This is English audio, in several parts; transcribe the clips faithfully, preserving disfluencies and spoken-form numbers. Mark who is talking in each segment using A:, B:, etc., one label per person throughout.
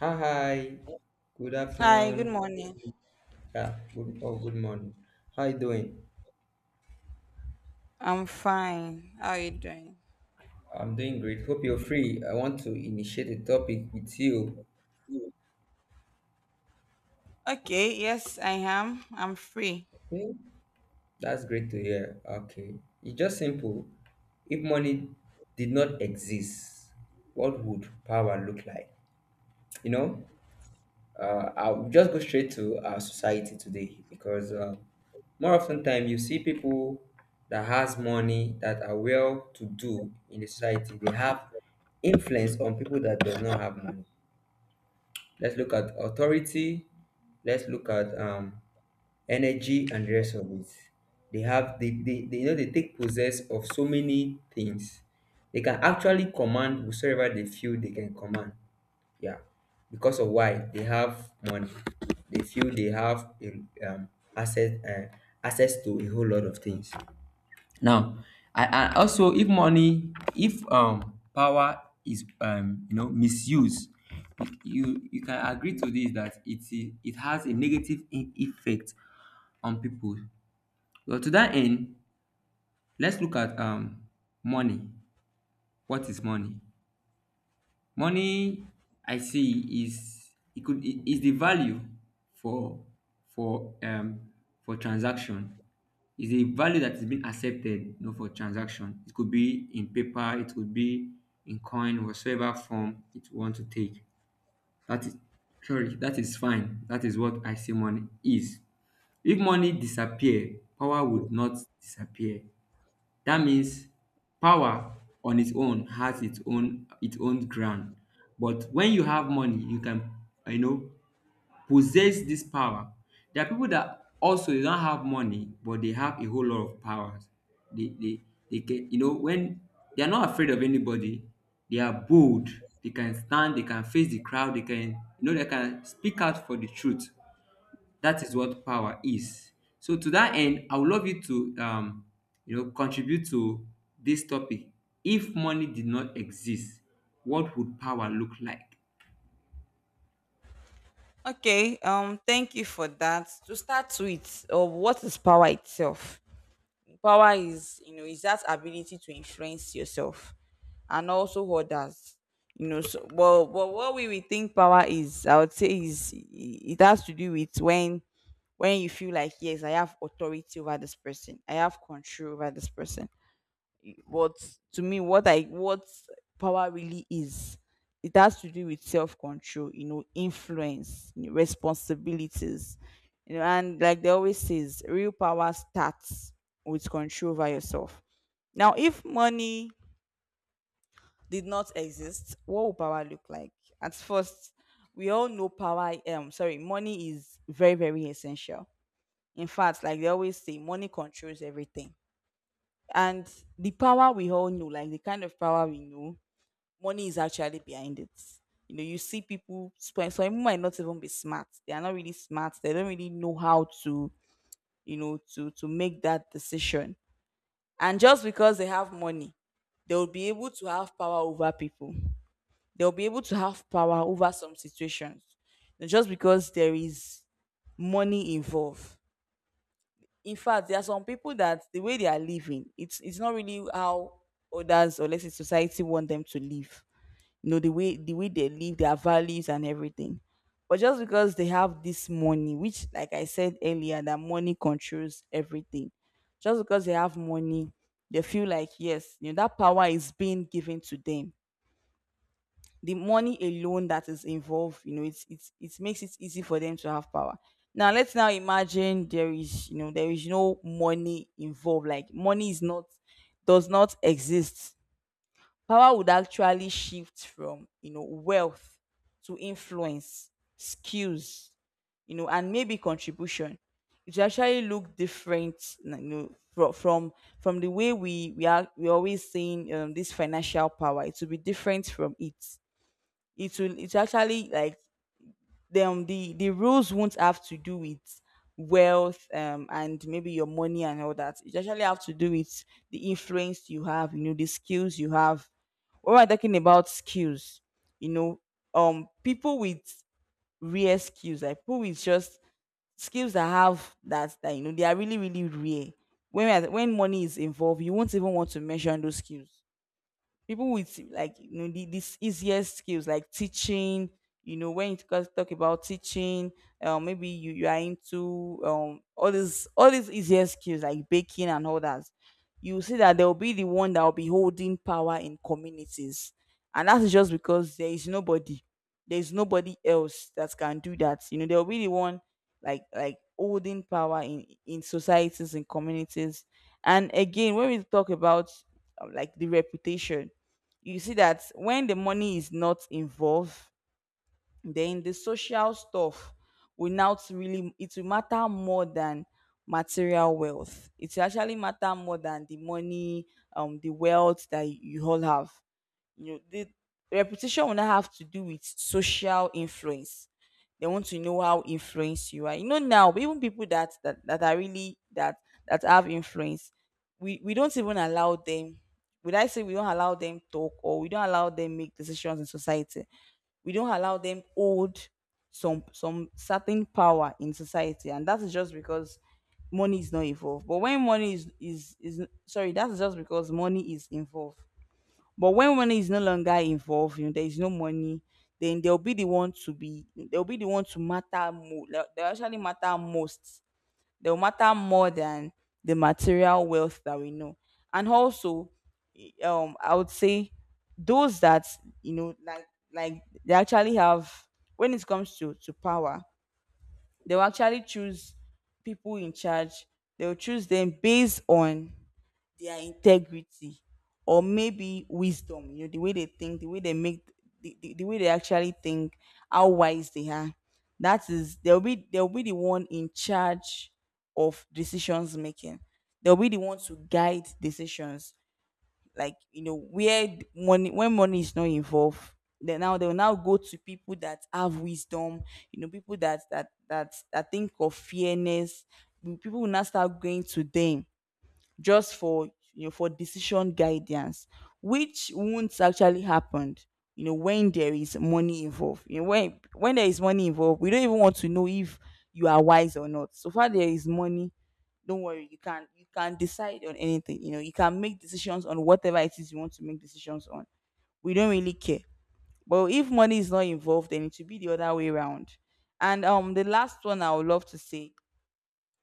A: Hi, hi. Good
B: Hi, good
A: afternoon.
B: morning.
A: Yeah, good or good morning. How you doing?
B: I'm fine. How are you doing?
A: I'm doing great. Hope you're free. I want to initiate a topic with you.
B: Okay, yes, I am. I'm free.
A: Okay, that's great to hear. Okay, it's just simple. If money did not exist, what would power look like? You know, uh, I'll just go straight to our society today because uh, more often time you see people that has money that are well to do in the society. They have influence on people that does not have money. Let's look at authority. Let's look at um, energy and the rest of it. They have they, they, they you know they take possess of so many things. They can actually command whosoever they feel they can command. Yeah. Because of why they have money. They feel they have a um, access uh, access to a whole lot of things. Now, I, and also if money, if um power is um you know misused, you you can agree to this that it i- it has a negative e- effect on people. Well, to that end, let's look at um money. What is money? Money, I see, is it could I- is the value for for um for transaction. Is a value that is being accepted, you know, for transaction. It could be in paper, it could be in coin, whatsoever form it want to take. That is sorry, that is fine. That is what I see money is. If money disappear, power would not disappear. That means power on its own has its own its own ground. But when you have money, you can you know possess this power. There are people that also they don't have money, but they have a whole lot of powers. They they, they can you know when they are not afraid of anybody, they are bold, they can stand, they can face the crowd, they can you know they can speak out for the truth. That is what power is. So to that end, I would love you to um, you know contribute to this topic. If money did not exist, what would power look like?
B: Okay, um, thank you for that. To start with, uh, what is power itself? Power is, you know, is that ability to influence yourself and also others. You know, so well, well what we will think power is, I would say is it has to do with when when you feel like yes, I have authority over this person, I have control over this person. But to me, what I what power really is, it has to do with self control, you know, influence, you know, responsibilities, you know, and like they always says, real power starts with control over yourself. Now, if money did not exist, what would power look like? At first, we all know power. Um, sorry, money is very very essential. In fact, like they always say, money controls everything. And the power we all know, like the kind of power we know, money is actually behind it. You know, you see people spend some might not even be smart. They are not really smart. They don't really know how to, you know, to to make that decision. And just because they have money, they'll be able to have power over people. They'll be able to have power over some situations. And just because there is money involved. In fact, there are some people that the way they are living, it's it's not really how others or let's say society want them to live, you know, the way the way they live their values and everything, but just because they have this money, which like I said earlier that money controls everything, just because they have money, they feel like yes, you know, that power is being given to them, the money alone that is involved, you know, it's it's it makes it easy for them to have power. Now, let's now imagine there is, you know, there is no money involved, like money is not, does not exist. Power would actually shift from, you know, wealth to influence, skills, you know, and maybe contribution. It will actually look different, you know, fro- from from the way we we are we always seeing um, this financial power. It will be different from it. It will it's actually like, them the the rules won't have to do with wealth, um, and maybe your money and all that. It actually have to do with the influence you have, you know, the skills you have. When we're talking about skills, you know, um, people with rare skills, like people with just skills that have that, that you know, they are really, really rare. When we are- when money is involved, you won't even want to mention those skills. People with, like, you know, the, these easiest skills like teaching, you know, when you talk talk about teaching, um, maybe you, you are into um all these all these easier skills like baking and all that. You see that they'll be the one that will be holding power in communities, and that's just because there is nobody, there's nobody else that can do that. You know, they'll be the one, like like holding power in in societies and communities. And again, when we talk about, uh, like the reputation, you see that when the money is not involved, then the social stuff will not really, it will matter more than material wealth. It will actually matter more than the money, um, the wealth that you all have, you know, the reputation will not have to do with social influence. They want to know how influenced you are. You know now, even people that that, that are really that that have influence, we, we don't even allow them. Would I say we don't allow them talk or we don't allow them make decisions in society? We don't allow them hold some some certain power in society, and that is just because money is not involved. But when money is is is sorry, that's just because money is involved. But when money is no longer involved, you know, there is no money, then they'll be the one to be they'll be the one to matter more. They'll, they'll actually matter most. They'll matter more than the material wealth that we know. And also, eh, um, I would say those that, you know, like like they actually have when it comes to to power, they'll actually choose people in charge. They'll choose them based on their integrity or maybe wisdom, you know, the way they think, the way they make the, the, the way they actually think, how wise they are. That is, they'll be they'll be the one in charge of decisions making. They'll be the one to guide decisions. Like, you know, where th- money, when money is not involved, then now they'll now go to people that have wisdom. You know, people that that that, that think of fairness, people will now start going to them just for, you know, for decision guidance. Which won't actually happen, you know, when there is money involved. You know, when when there is money involved, we don't even want to know if you are wise or not. So far there is money, don't worry, you can you can decide on anything. You know, you can make decisions on whatever it is you want to make decisions on. We don't really care. But if money is not involved, then it should be the other way around. And um, the last one I would love to say,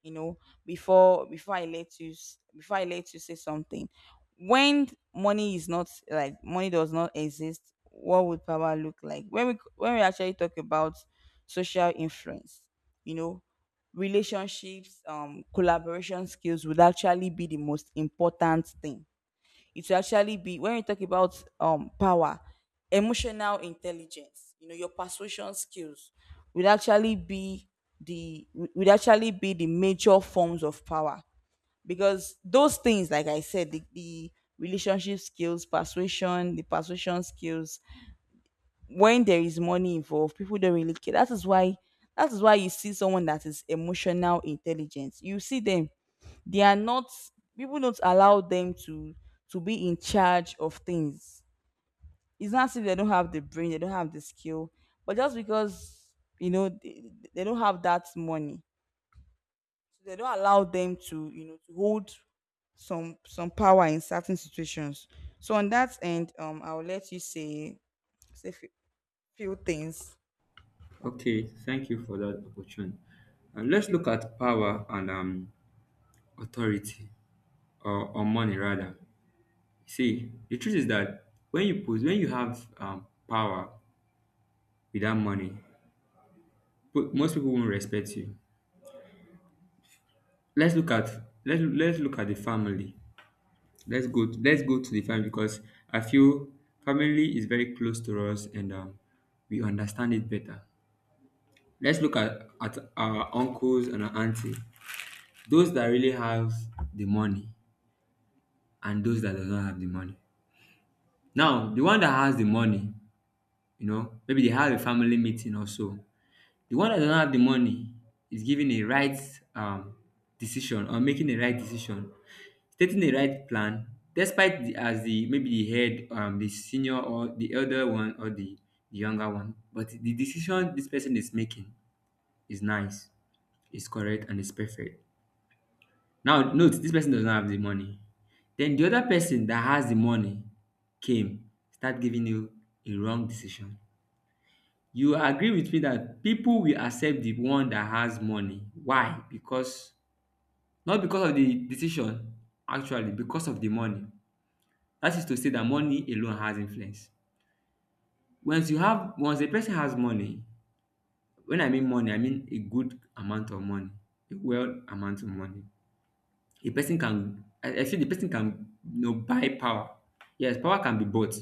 B: you know, before before I let you s- before I let you say something. When money is not, like money does not exist, what would power look like? When we c- when we actually talk about social influence, you know, relationships, um, collaboration skills would actually be the most important thing. It will actually be, when we talk about um power, emotional intelligence, you know, your persuasion skills will actually be the would actually be the major forms of power. Because those things, like I said, the, the relationship skills, persuasion, the persuasion skills, when there is money involved, people don't really care. That is why that is why you see someone that is emotional intelligence, you see them, they are not, people don't allow them to to be in charge of things. It's not as if they don't have the brain, they don't have the skill, but just because, you know, they, they don't have that money, so they don't allow them to, you know, to hold some some power in certain situations. So on that end, um, I'll let you say say few, few things.
A: Okay, thank you for that opportunity. Uh, let's look at power and um, authority, or, or money rather. See, the truth is that when you put, when you have um, power without money, po- most people won't respect you. Let's look at let's let's look at the family. Let's go. To, let's go to the family because I feel family is very close to us and um, we understand it better. Let's look at, at our uncles and our auntie, those that really have the money and those that does not have the money. Now, the one that has the money, you know, maybe they have a family meeting or so. The one that does not have the money is giving a right um, decision, or making a right decision, stating the right plan despite the, as the, maybe the head, um the senior or the elder one or the, the younger one. But the decision this person is making is nice, is correct, and is perfect. Now note, this person does not have the money. Then the other person that has the money came, start giving you a wrong decision. You agree with me that people will accept the one that has money. Why? Because, not because of the decision, actually because of the money. That is to say that money alone has influence. Once you have once a person has money, when I mean money, I mean a good amount of money, a well amount of money. A person can I, I feel the person can you know buy power. Yes, power can be bought.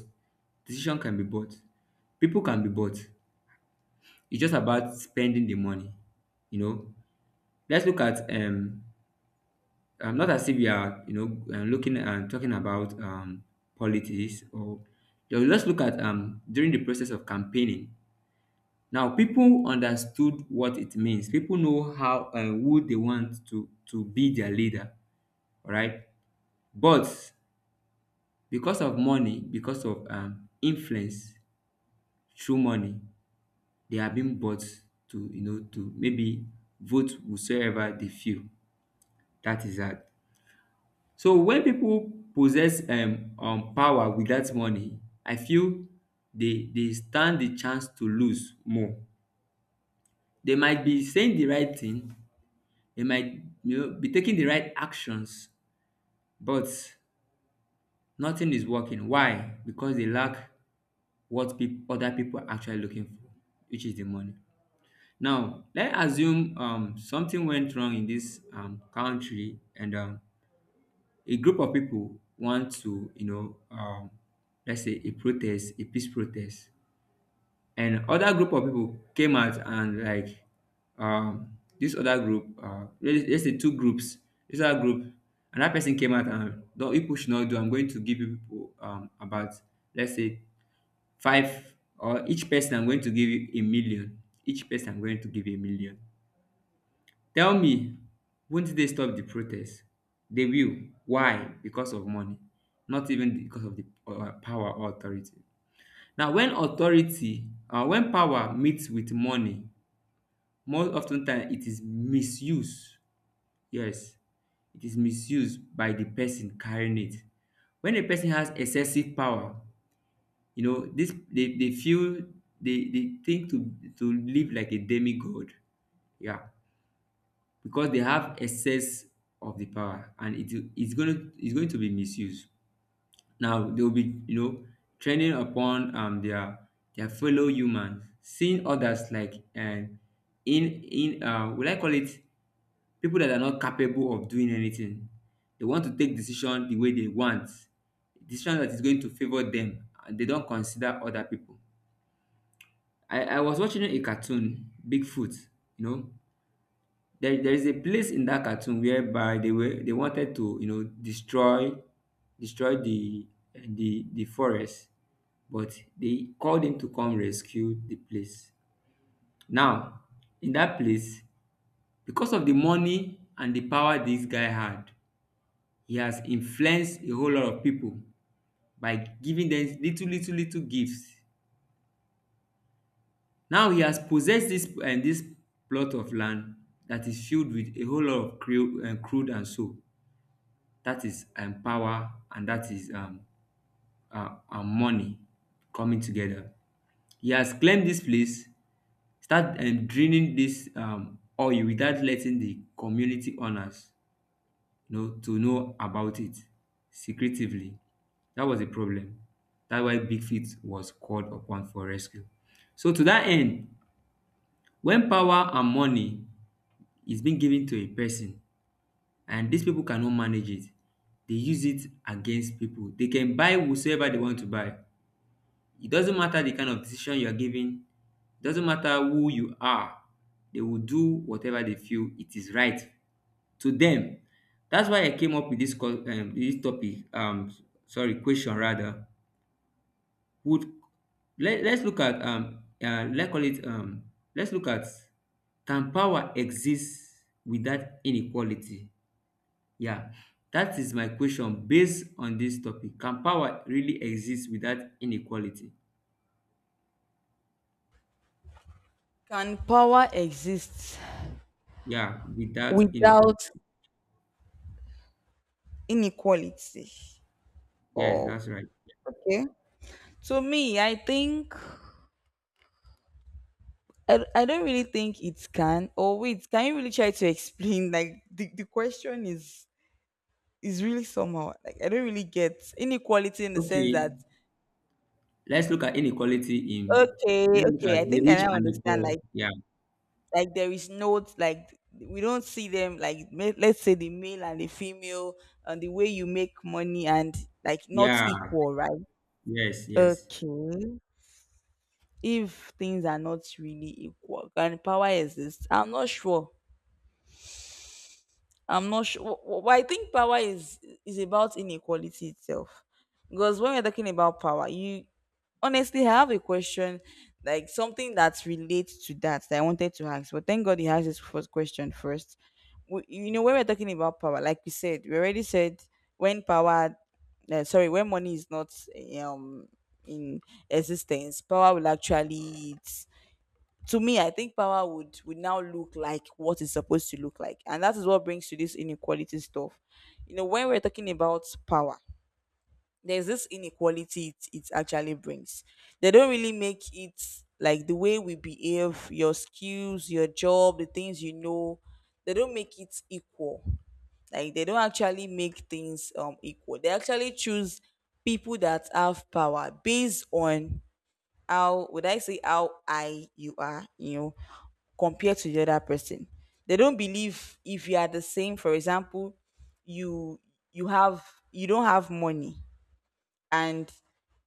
A: Decision can be bought. People can be bought. It's just about spending the money. You know, let's look at um I'm not as if we are you know uh, looking and talking about um politics or you know, let's look at um during the process of campaigning. Now people understood what it means. People know how um who they want to to be their leader, alright. But because of money, because of um influence through money, they are being bought to you know to maybe vote whosoever they feel. That is that. So when people possess um um power without money, I feel they they stand the chance to lose more. They might be saying the right thing. They might you know, be taking the right actions, but nothing is working. Why? Because they lack what peop other people are actually looking for, which is the money. Now, let's assume um, something went wrong in this um, country, and um, a group of people want to, you know, um, let's say a protest, a peace protest, and other group of people came out, and like um this other group, uh let- let's say two groups. This other group, another person came out and, no, people should not do, I'm going to give you people um about, let's say five, or each person I'm going to give you a million. Each person I'm going to give a million. Tell me, won't they stop the protest? They will. Why? Because of money. Not even because of the uh, power or authority. Now, when authority um when power meets with money, most often time it is misuse. Yes, it is misuse by the person carrying it. When a person has excessive power, you know this they they feel they they think to to live like a demigod. Yeah, because they have excess of the power, and it is it's going to it's going to be misused. Now they'll be, you know, training upon um their their fellow humans, seeing others like, and in in uh will I call it, people that are not capable of doing anything. They want to take decision the way they want, decision that is going to favor them, and they don't consider other people. I, I was watching a cartoon, Bigfoot. You know, there, there is a place in that cartoon whereby they were they wanted to you know destroy destroy the the the forest, but they called him to come rescue the place. Now, in that place, because of the money and the power this guy had, he has influenced a whole lot of people by giving them little, little, little gifts. Now he has possessed this and this plot of land that is filled with a whole lot of crude, um, crude and soap. That is um, power, and that is um, uh, uh, money coming together. He has claimed this place, start um draining this um oil without letting the community owners you know to know about it, secretively. That was a problem. That's why big feet was called upon for rescue. So to that end, when power and money is being given to a person, and these people cannot manage it, they use it against people. They can buy whosoever they want to buy. It doesn't matter the kind of decision you are giving, it doesn't matter who you are, they will do whatever they feel it is right to them. That's why I came up with this co- um, this topic. Um, sorry, question rather. Would let, let's look at, um uh, let's call it um let's look at can power exist without inequality? Yeah, that is my question based on this topic. Can power really exist without inequality?
B: Can power exist
A: Yeah, without inequality.
B: without inequality?
A: Yes,
B: Oh,
A: that's right.
B: okay. To me, I think, I, d- I don't really think it can. Or wait, can you really try to explain? Like the, the question is is really somehow, like I don't really get inequality in the sense
A: Okay,
B: that
A: let's look at inequality in
B: okay,
A: let's look at
B: okay, I
A: the
B: think I
A: rich
B: now
A: and the
B: understand.
A: poor.
B: Like
A: Yeah,
B: like there is no, like we don't see them like ma- let's say the male and the female and the way you make money and like not
A: yeah,
B: equal, right?
A: yes, yes.
B: Okay. If things are not really equal, can power exist? I'm not sure. I'm not sure. Well, I think power is is about inequality itself, because when we're talking about power, you, honestly I have a question, like something that relates to that that I wanted to ask. But thank God he has this first question first. We, you know, when we're talking about power, like we said, we already said when power, uh, sorry, when money is not um in existence, power will actually, to me, I think power would would now look like what it's supposed to look like, and that is what brings to this inequality stuff. You know, when we're talking about power, there's this inequality it, it actually brings. They don't really make it like the way we behave, your skills, your job, the things you know. They don't make it equal. Like they don't actually make things um equal. They actually choose people that have power based on how would I say how high you are, you know, compared to the other person. They don't believe if you are the same. For example, you you have you don't have money, and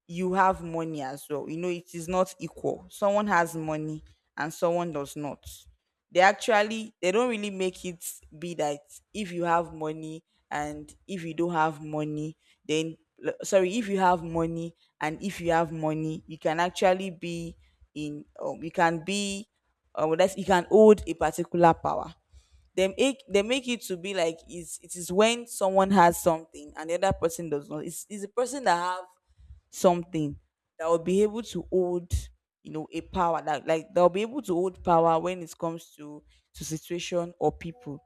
B: you have money as well. You know, it is not equal. Someone has money and someone does not. They actually, they don't really make it be that if you have money and if you don't have money, then l- sorry, if you have money and if you have money, you can actually be in um, you can be, uh, that's you can hold a particular power. They make they make it to be like it's, it is when someone has something and the other person does not. It's, it's the person that have something that will be able to hold you know a power that, like, they'll be able to hold power when it comes to to situation or people.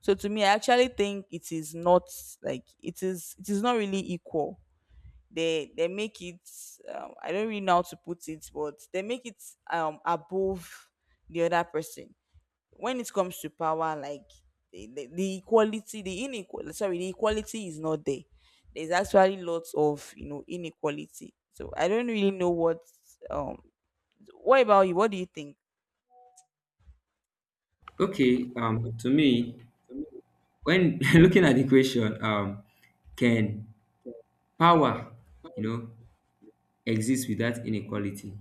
B: So to me, I actually think it is not, like, it is it is not really equal. They they make it um, I don't really know how to put it, but they make it um above the other person when it comes to power, like the, the, the equality, the inequality, sorry, the equality is not there. There's actually lots of you know inequality, so I don't really know what. um what about you? What do you think?
A: Okay, um, to me, when looking at the question, um, can power, you know, exist without inequality?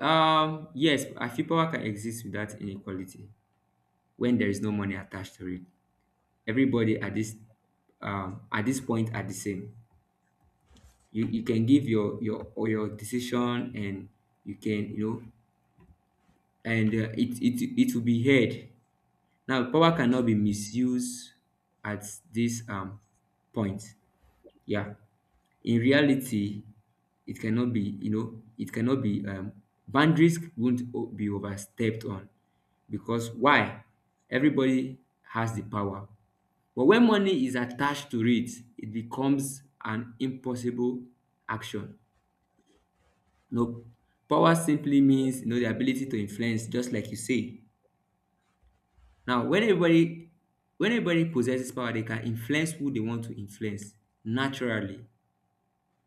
A: Um, yes, I feel power can exist without inequality when there is no money attached to it. Everybody at this um at this point are the same. You you can give your your or your decision, and you can, you know and uh, it it it will be heard. Now power cannot be misused at this um point. Yeah, in reality, it cannot be, you know it cannot be, um boundaries won't o- be overstepped on. Because why? Everybody has the power. But when money is attached to it, it becomes an impossible action. No, power simply means you know the ability to influence, just like you say. Now, when everybody when everybody possesses power, they can influence who they want to influence naturally.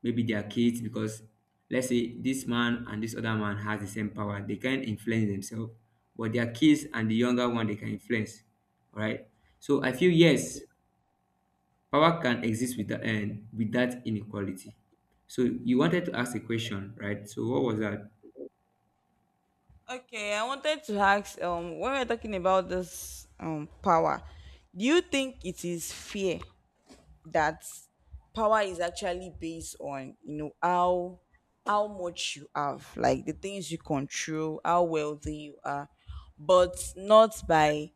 A: Maybe their kids, because let's say this man and this other man has the same power, they can influence themselves, but their kids and the younger one they can influence. All right. So I feel yes, power can exist with that and with that inequality. So you wanted to ask a question, right? So what was that?
B: Okay, I wanted to ask, um when we're talking about this um power, do you think it is fair that power is actually based on you know how how much you have, like the things you control, how wealthy you are, but not by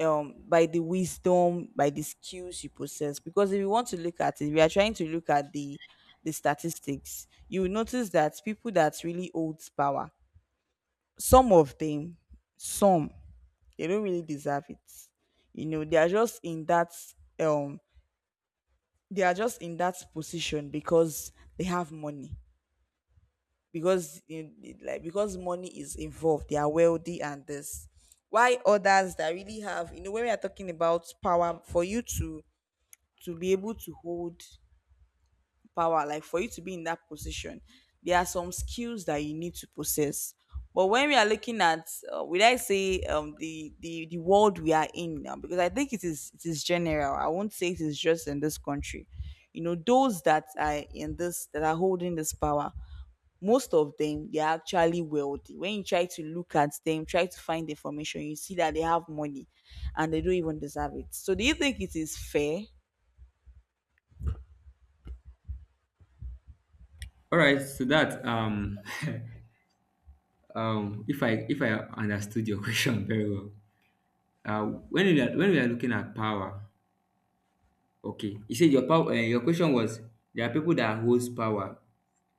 B: um by the wisdom, by the skills you possess? Because if you want to look at it, we are trying to look at the the statistics. You will notice that people that really hold power, some of them, some they don't really deserve it. You know they are just in that. um they are just in that position because they have money. Because in, like, because money is involved, they are wealthy, and this why others that really have, you know when we are talking about power, for you to to be able to hold power, like for you to be in that position, there are some skills that you need to possess. But when we are looking at uh, would I say, um the the the world we are in now, because I think it is it is general, I won't say it is just in this country. You know those that are in this, that are holding this power, most of them, they are actually wealthy. When you try to look at them, try to find information, you see that they have money, and they don't even deserve it. So do you think it is fair?
A: All right. So that um. um, if I if I understood your question very well, uh, when we are when we are looking at power, okay, you said your power. Uh, your question was there are people that holds power,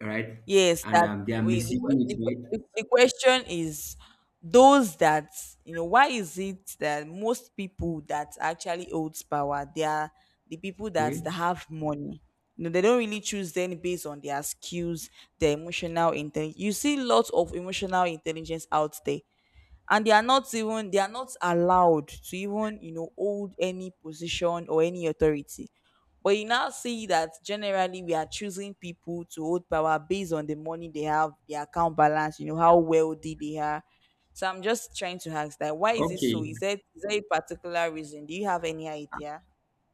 A: right,
B: Yes,
A: and
B: that
A: um, they are
B: we the,
A: misusing
B: que-
A: it,
B: the,
A: right?
B: que- the question is, those that, you know why is it that most people that actually holds power, they are the people that
A: Okay,
B: have money. You know, they don't really choose them based on their skills, their emotional intelligence. You see lots of emotional intelligence out there, and they are not even they are not allowed to even you know hold any position or any authority. But you now see that generally we are choosing people to hold power based on the money they have, their account balance, you know how wealthy they are. So I'm just trying to ask that, why is it so?
A: okay,
B: Is there is there a particular reason? Do you have any idea?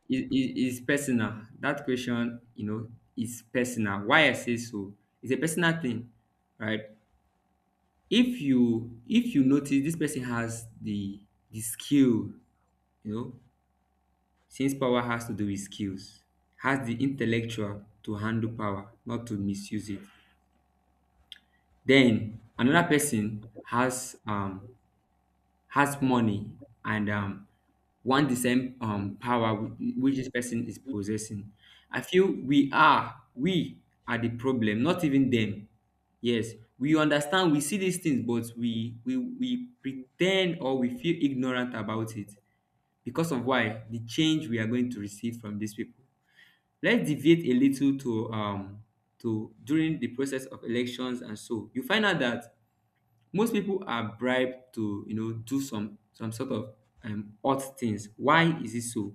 A: it, it, it's personal. That question, you know, is personal. Why I say so? It's a personal thing, right? If you if you notice this person has the the skill, you know, since power has to do with skills, has the intellectual to handle power, not to misuse it. Then another person has um has money and um want the same um power whi- which this person is possessing. I feel we are we are the problem, not even them. Yes, we understand, we see these things, but we we we pretend or we feel ignorant about it because of why the change we are going to receive from these people. Let's deviate a little to um to during the process of elections, and so you find out that most people are bribed to, you know, do some some sort of um odd things. Why is it so?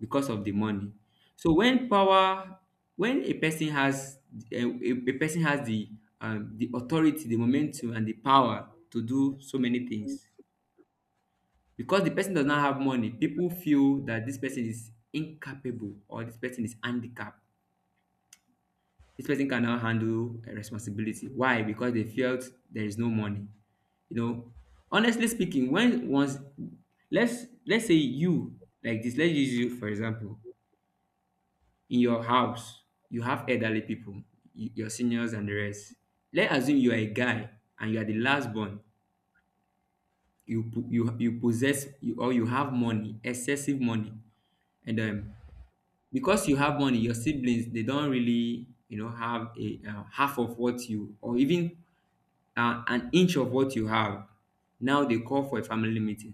A: Because of the money. So when power, when a person has a, a a person has the um the authority, the momentum, and the power to do so many things, because the person does not have money, people feel that this person is incapable, or this person is handicapped, this person cannot handle a responsibility. Why? Because they felt there is no money. You know, honestly speaking, when once, let's let's say you like this, let's use you for example. In your house, you have elderly people, y- your seniors and the rest. Let's assume you are a guy and you are the last born. You po- you you possess, you, or you have money, excessive money, and um, because you have money, your siblings, they don't really, you know, have a uh, half of what you, or even uh, an inch of what you have. Now they call for a family meeting.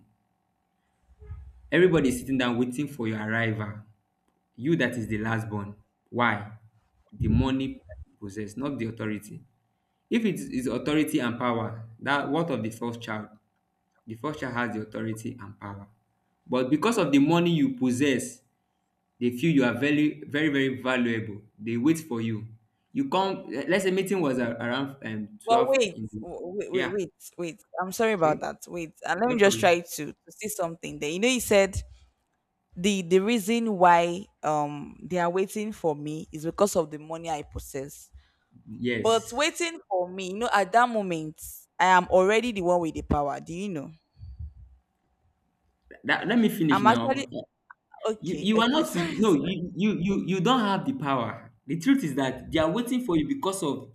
A: Everybody is sitting down waiting for your arrival. You that is the last born. Why? The money that you possess, not the authority. If it is authority and power, that what of the first child? The first child has the authority and power. But because of the money you possess, they feel you are very, very, very valuable. They wait for you. You come, let's say meeting was a- around um,
B: Well,
A: twelve
B: wait,
A: in the,
B: w- wait, wait,
A: yeah,
B: wait, wait. I'm sorry about
A: okay,
B: that. Wait, and let me
A: no
B: just
A: problem.
B: try to, to see something there. You know you said the the reason why, um they are waiting for me is because of the money I possess. But
A: Yes.
B: waiting for me, you know, at that moment, I am already the one with the power. Do you know?
A: That, let me finish
B: I'm actually
A: now. You
B: okay,
A: you are
B: okay,
A: not with
B: sorry.
A: no, you, you you you don't have the power. The truth is that they are waiting for you because of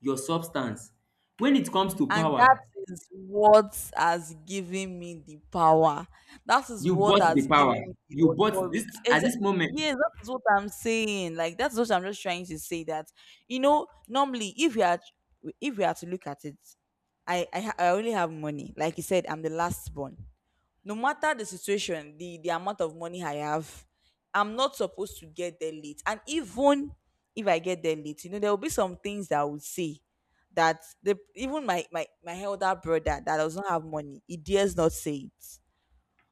A: your substance. When it comes to
B: And that
A: power,
B: is what has given me the power. That is
A: you
B: what
A: bought
B: has
A: the power.
B: given me the
A: You bought this
B: authority. Is
A: at
B: it-
A: this moment.
B: Yes, that is what I'm saying. Like, that's what I'm just trying to say. That, you know, normally, if you are if we are to look at it, I I, ha- I only have money. Like you said, I'm the last born. No matter the situation, the the amount of money I have, I'm not supposed to get there late. And even if I get there late, you know, there will be some things that I would say that the even my my my elder brother that does not have money, he dares not say it.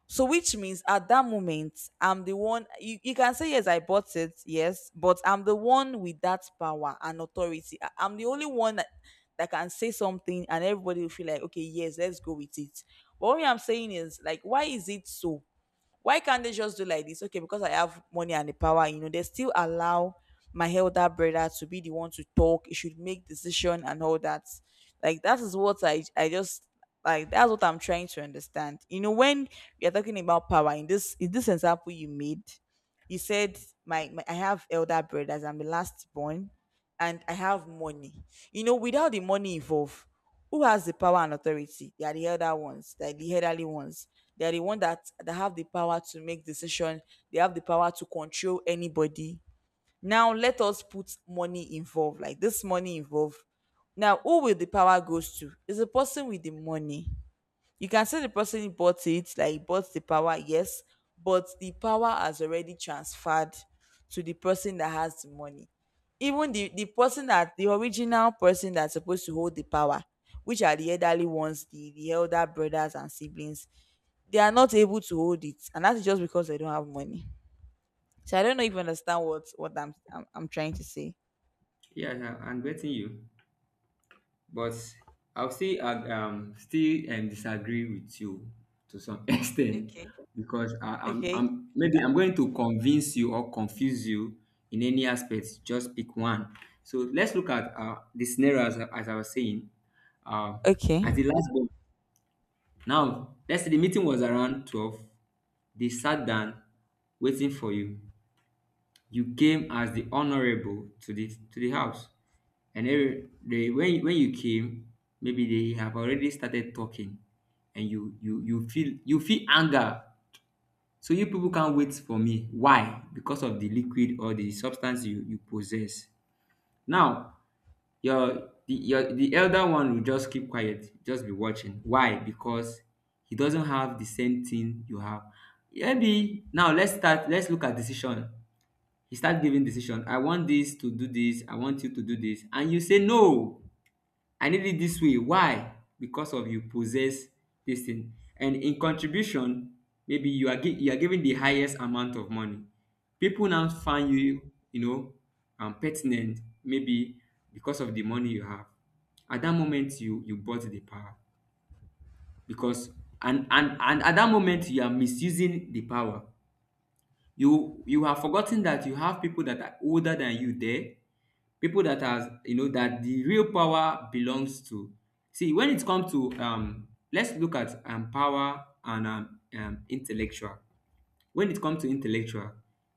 B: So which means at that moment, I'm the one, you, you can say yes, I bought it, yes, but I'm the one with that power and authority. I- I'm the only one that, that can say something and everybody will feel like, okay, yes, let's go with it. But what I'm saying is, like, why is it so? Why can't they just do like this? Okay, because I have money and the power, you know, they still allow my elder brother to be the one to talk. He should make decision and all that. Like, that is what I I just, like, that's what I'm trying to understand. You know, when we are talking about power in this, in this example you made, you said, my, my I have elder brothers, I'm the last born, and I have money. You know, without the money involved, who has the power and authority? They are the elder ones. They are the elderly ones. They are the one that that have the power to make decision. They have the power to control anybody. Now let us put money involved, like this money involved. Now, who will the power goes to? Is the person with the money. You can say the person who bought it, like he bought the power, yes, but the power has already transferred to the person that has the money. Even the the person that the original person that's supposed to hold the power, which are the elderly ones, the the elder brothers and siblings, they are not able to hold it, and that's just because they don't have money. So I don't know if you understand what what i'm i'm, I'm trying to say.
A: Yeah, yeah, I'm getting you, but I'll still ag- um still um, disagree with you to some extent,
B: Okay.
A: because I, I'm
B: Okay,
A: I'm maybe I'm going to convince you or confuse you in any aspect. Just pick one. So let's look at uh, the scenario as, I- as I was saying. Uh,
B: okay,
A: as the last one. Now let's say the meeting was around twelve. They sat down waiting for you. You came as the honorable to the to the house, and then they, when when you came, maybe they have already started talking, and you you you feel, you feel anger. So you people can't wait for me. Why? Because of the liquid or the substance you you possess. Now your the your the elder one will just keep quiet, just be watching. Why? Because he doesn't have the same thing you have. Maybe now let's start. Let's look at decision. He start giving decision. I want this to do this. I want you to do this, and you say no, I need it this way. Why? Because of you possess this thing. And in contribution, maybe you are gi- you are giving the highest amount of money. People now find you, you know, um, pertinent maybe because of the money you have. At that moment, you you bought the power, because and and and at that moment you are misusing the power. You you have forgotten that you have people that are older than you there, people that are, you know, that the real power belongs to. See, when it comes to um let's look at um power and um, um intellectual, when it comes to intellectual,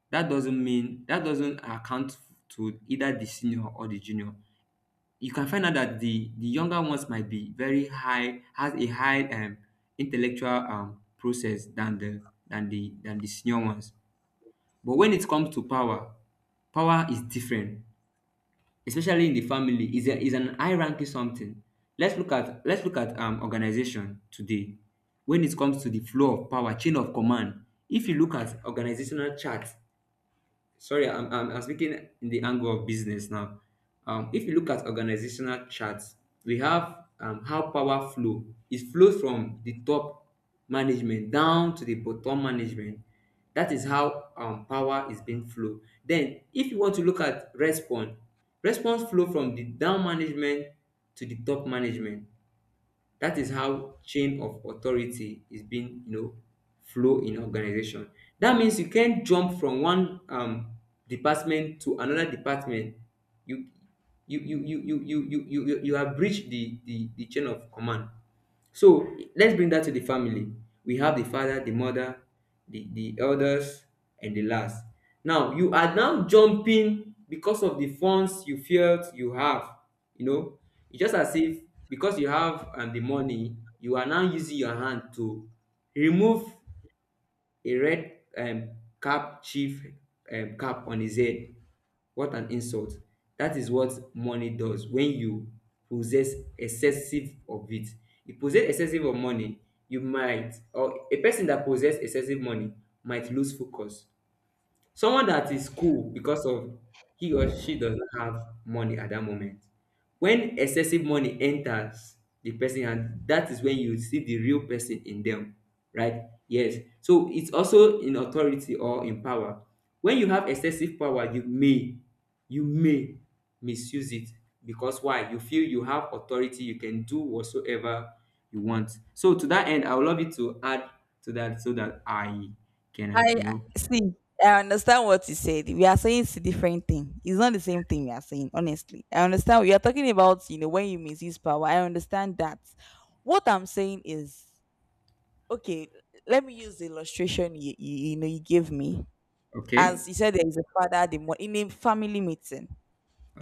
A: that doesn't mean, that doesn't account to either the senior or the junior. You can find out that the the younger ones might be very high, has a high um intellectual um process than the than the than the senior ones. But when it comes to power, power is different, especially in the family. Is a is an high ranking something. Let's look at, let's look at um organization today. When it comes to the flow of power, chain of command. If you look at organizational charts, sorry, I'm, I'm, I'm speaking in the angle of business now. um, if you look at organizational charts, we have, um, how power flow, it flows from the top management down to the bottom management. That is how, um, power is being flow. Then if you want to look at response, response flow from the down management to the top management. That is how chain of authority is being, you know, flow in organization. That means you can't jump from one um department to another department. you you you you you you you you, you you have breached the, the the chain of command. So let's bring that to the family. We have the father, the mother, the, the elders, and the last. Now you are now jumping because of the funds you felt you have. You know, it's just as if because you have, um, the money, you are now using your hand to remove a red um cap chief um cap on his head. What an insult. That is what money does. When you possess excessive of it, you possess excessive of money, you might, or a person that possess excessive money might lose focus. Someone that is cool because of he or she doesn't have money at that moment. When excessive money enters the person, and that is when you see the real person in them, right? Yes. So it's also in authority or in power. When you have excessive power, you may, you may misuse it, because why? You feel you have authority, you can do whatsoever you want. So to that end, I would love you to add to that so that I can,
B: I
A: you know,
B: see. I understand what you said. We are saying it's a different thing. It's not the same thing we are saying, honestly. I understand we are talking about, you know, when you misuse power. I understand that. What I'm saying is, okay, let me use the illustration you, you, you know you gave me. As
A: okay.
B: you said, there is a father, the mo- in a family meeting.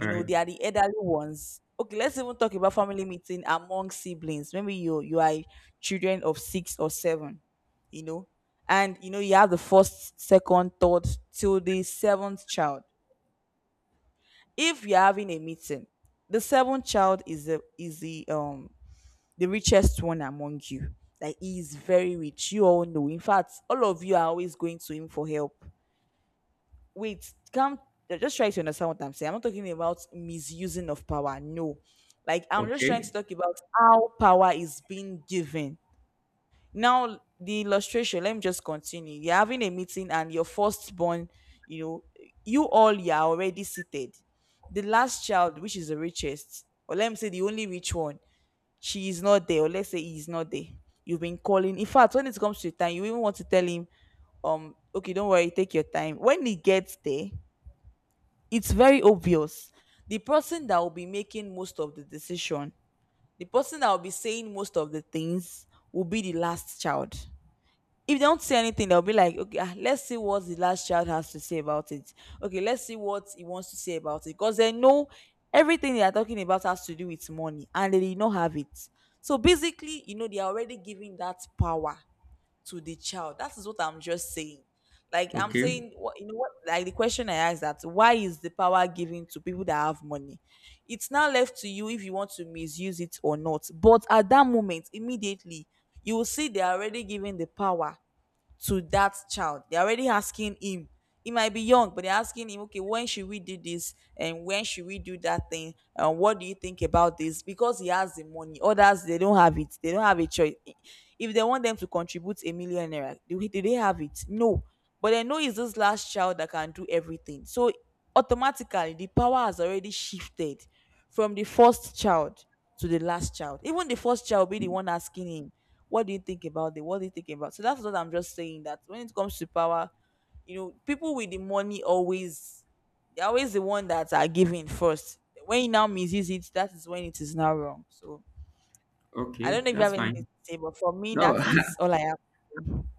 A: All
B: know,
A: right.
B: they are the elderly ones. Okay, let's even talk about family meeting among siblings. Maybe you you are children of six or seven, you know, and you know you have the first, second, third, till the seventh child. If you're having a meeting, the seventh child is the is the um the richest one among you. Like, he is very rich. You all know. In fact, all of you are always going to him for help. Wait, come, just try to understand what I'm saying. I'm not talking about misusing of power. No. Like, I'm just trying to
A: Okay.
B: talk about how power is being given. Now, the illustration, let me just continue. You're having a meeting and your firstborn, you know, you all you are already seated. The last child, which is the richest, or let me say the only rich one, she is not there, or let's say he is not there. You've been calling. In fact, when it comes to time, you even want to tell him, um, okay, don't worry, take your time. When he gets there, it's very obvious the person that will be making most of the decision, the person that will be saying most of the things, will be the last child. If they don't say anything, they'll be like, okay, ah, let's see what the last child has to say about it. Okay, let's see what he wants to say about it, because they know everything they are talking about has to do with money, and they did not have it. So basically, you know they are already giving that power to the child. That is what I'm just saying. Like I'm
A: Okay.
B: saying, what you know, what like the question I asked, that why is the power given to people that have money? It's now left to you if you want to misuse it or not. But at that moment, immediately, you will see they are already giving the power to that child. They're already asking him. He might be young, but they're asking him, okay, when should we do this? And when should we do that thing? And what do you think about this? Because he has the money. Others, they don't have it. They don't have a choice. If they want them to contribute a million naira, do, do they have it? No. But I know it's this last child that can do everything. So automatically, the power has already shifted from the first child to the last child. Even the first child will be the one asking him, what do you think about it? What do you think about? So that's what I'm just saying. That when it comes to power, you know, people with the money always they're always the one that are giving first. When you now misuse it, that is when it is now wrong. So I don't
A: Okay.
B: know if you
A: That's
B: have anything to
A: fine.
B: say, but for me,
A: No,
B: that is all I have.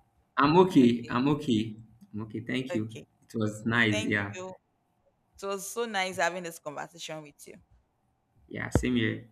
A: I'm okay.
B: Okay.
A: I'm okay. I'm okay. Thank you.
B: Okay.
A: It was nice.
B: Thank
A: Yeah.
B: you. It was so nice having this conversation with you.
A: Yeah. Same here.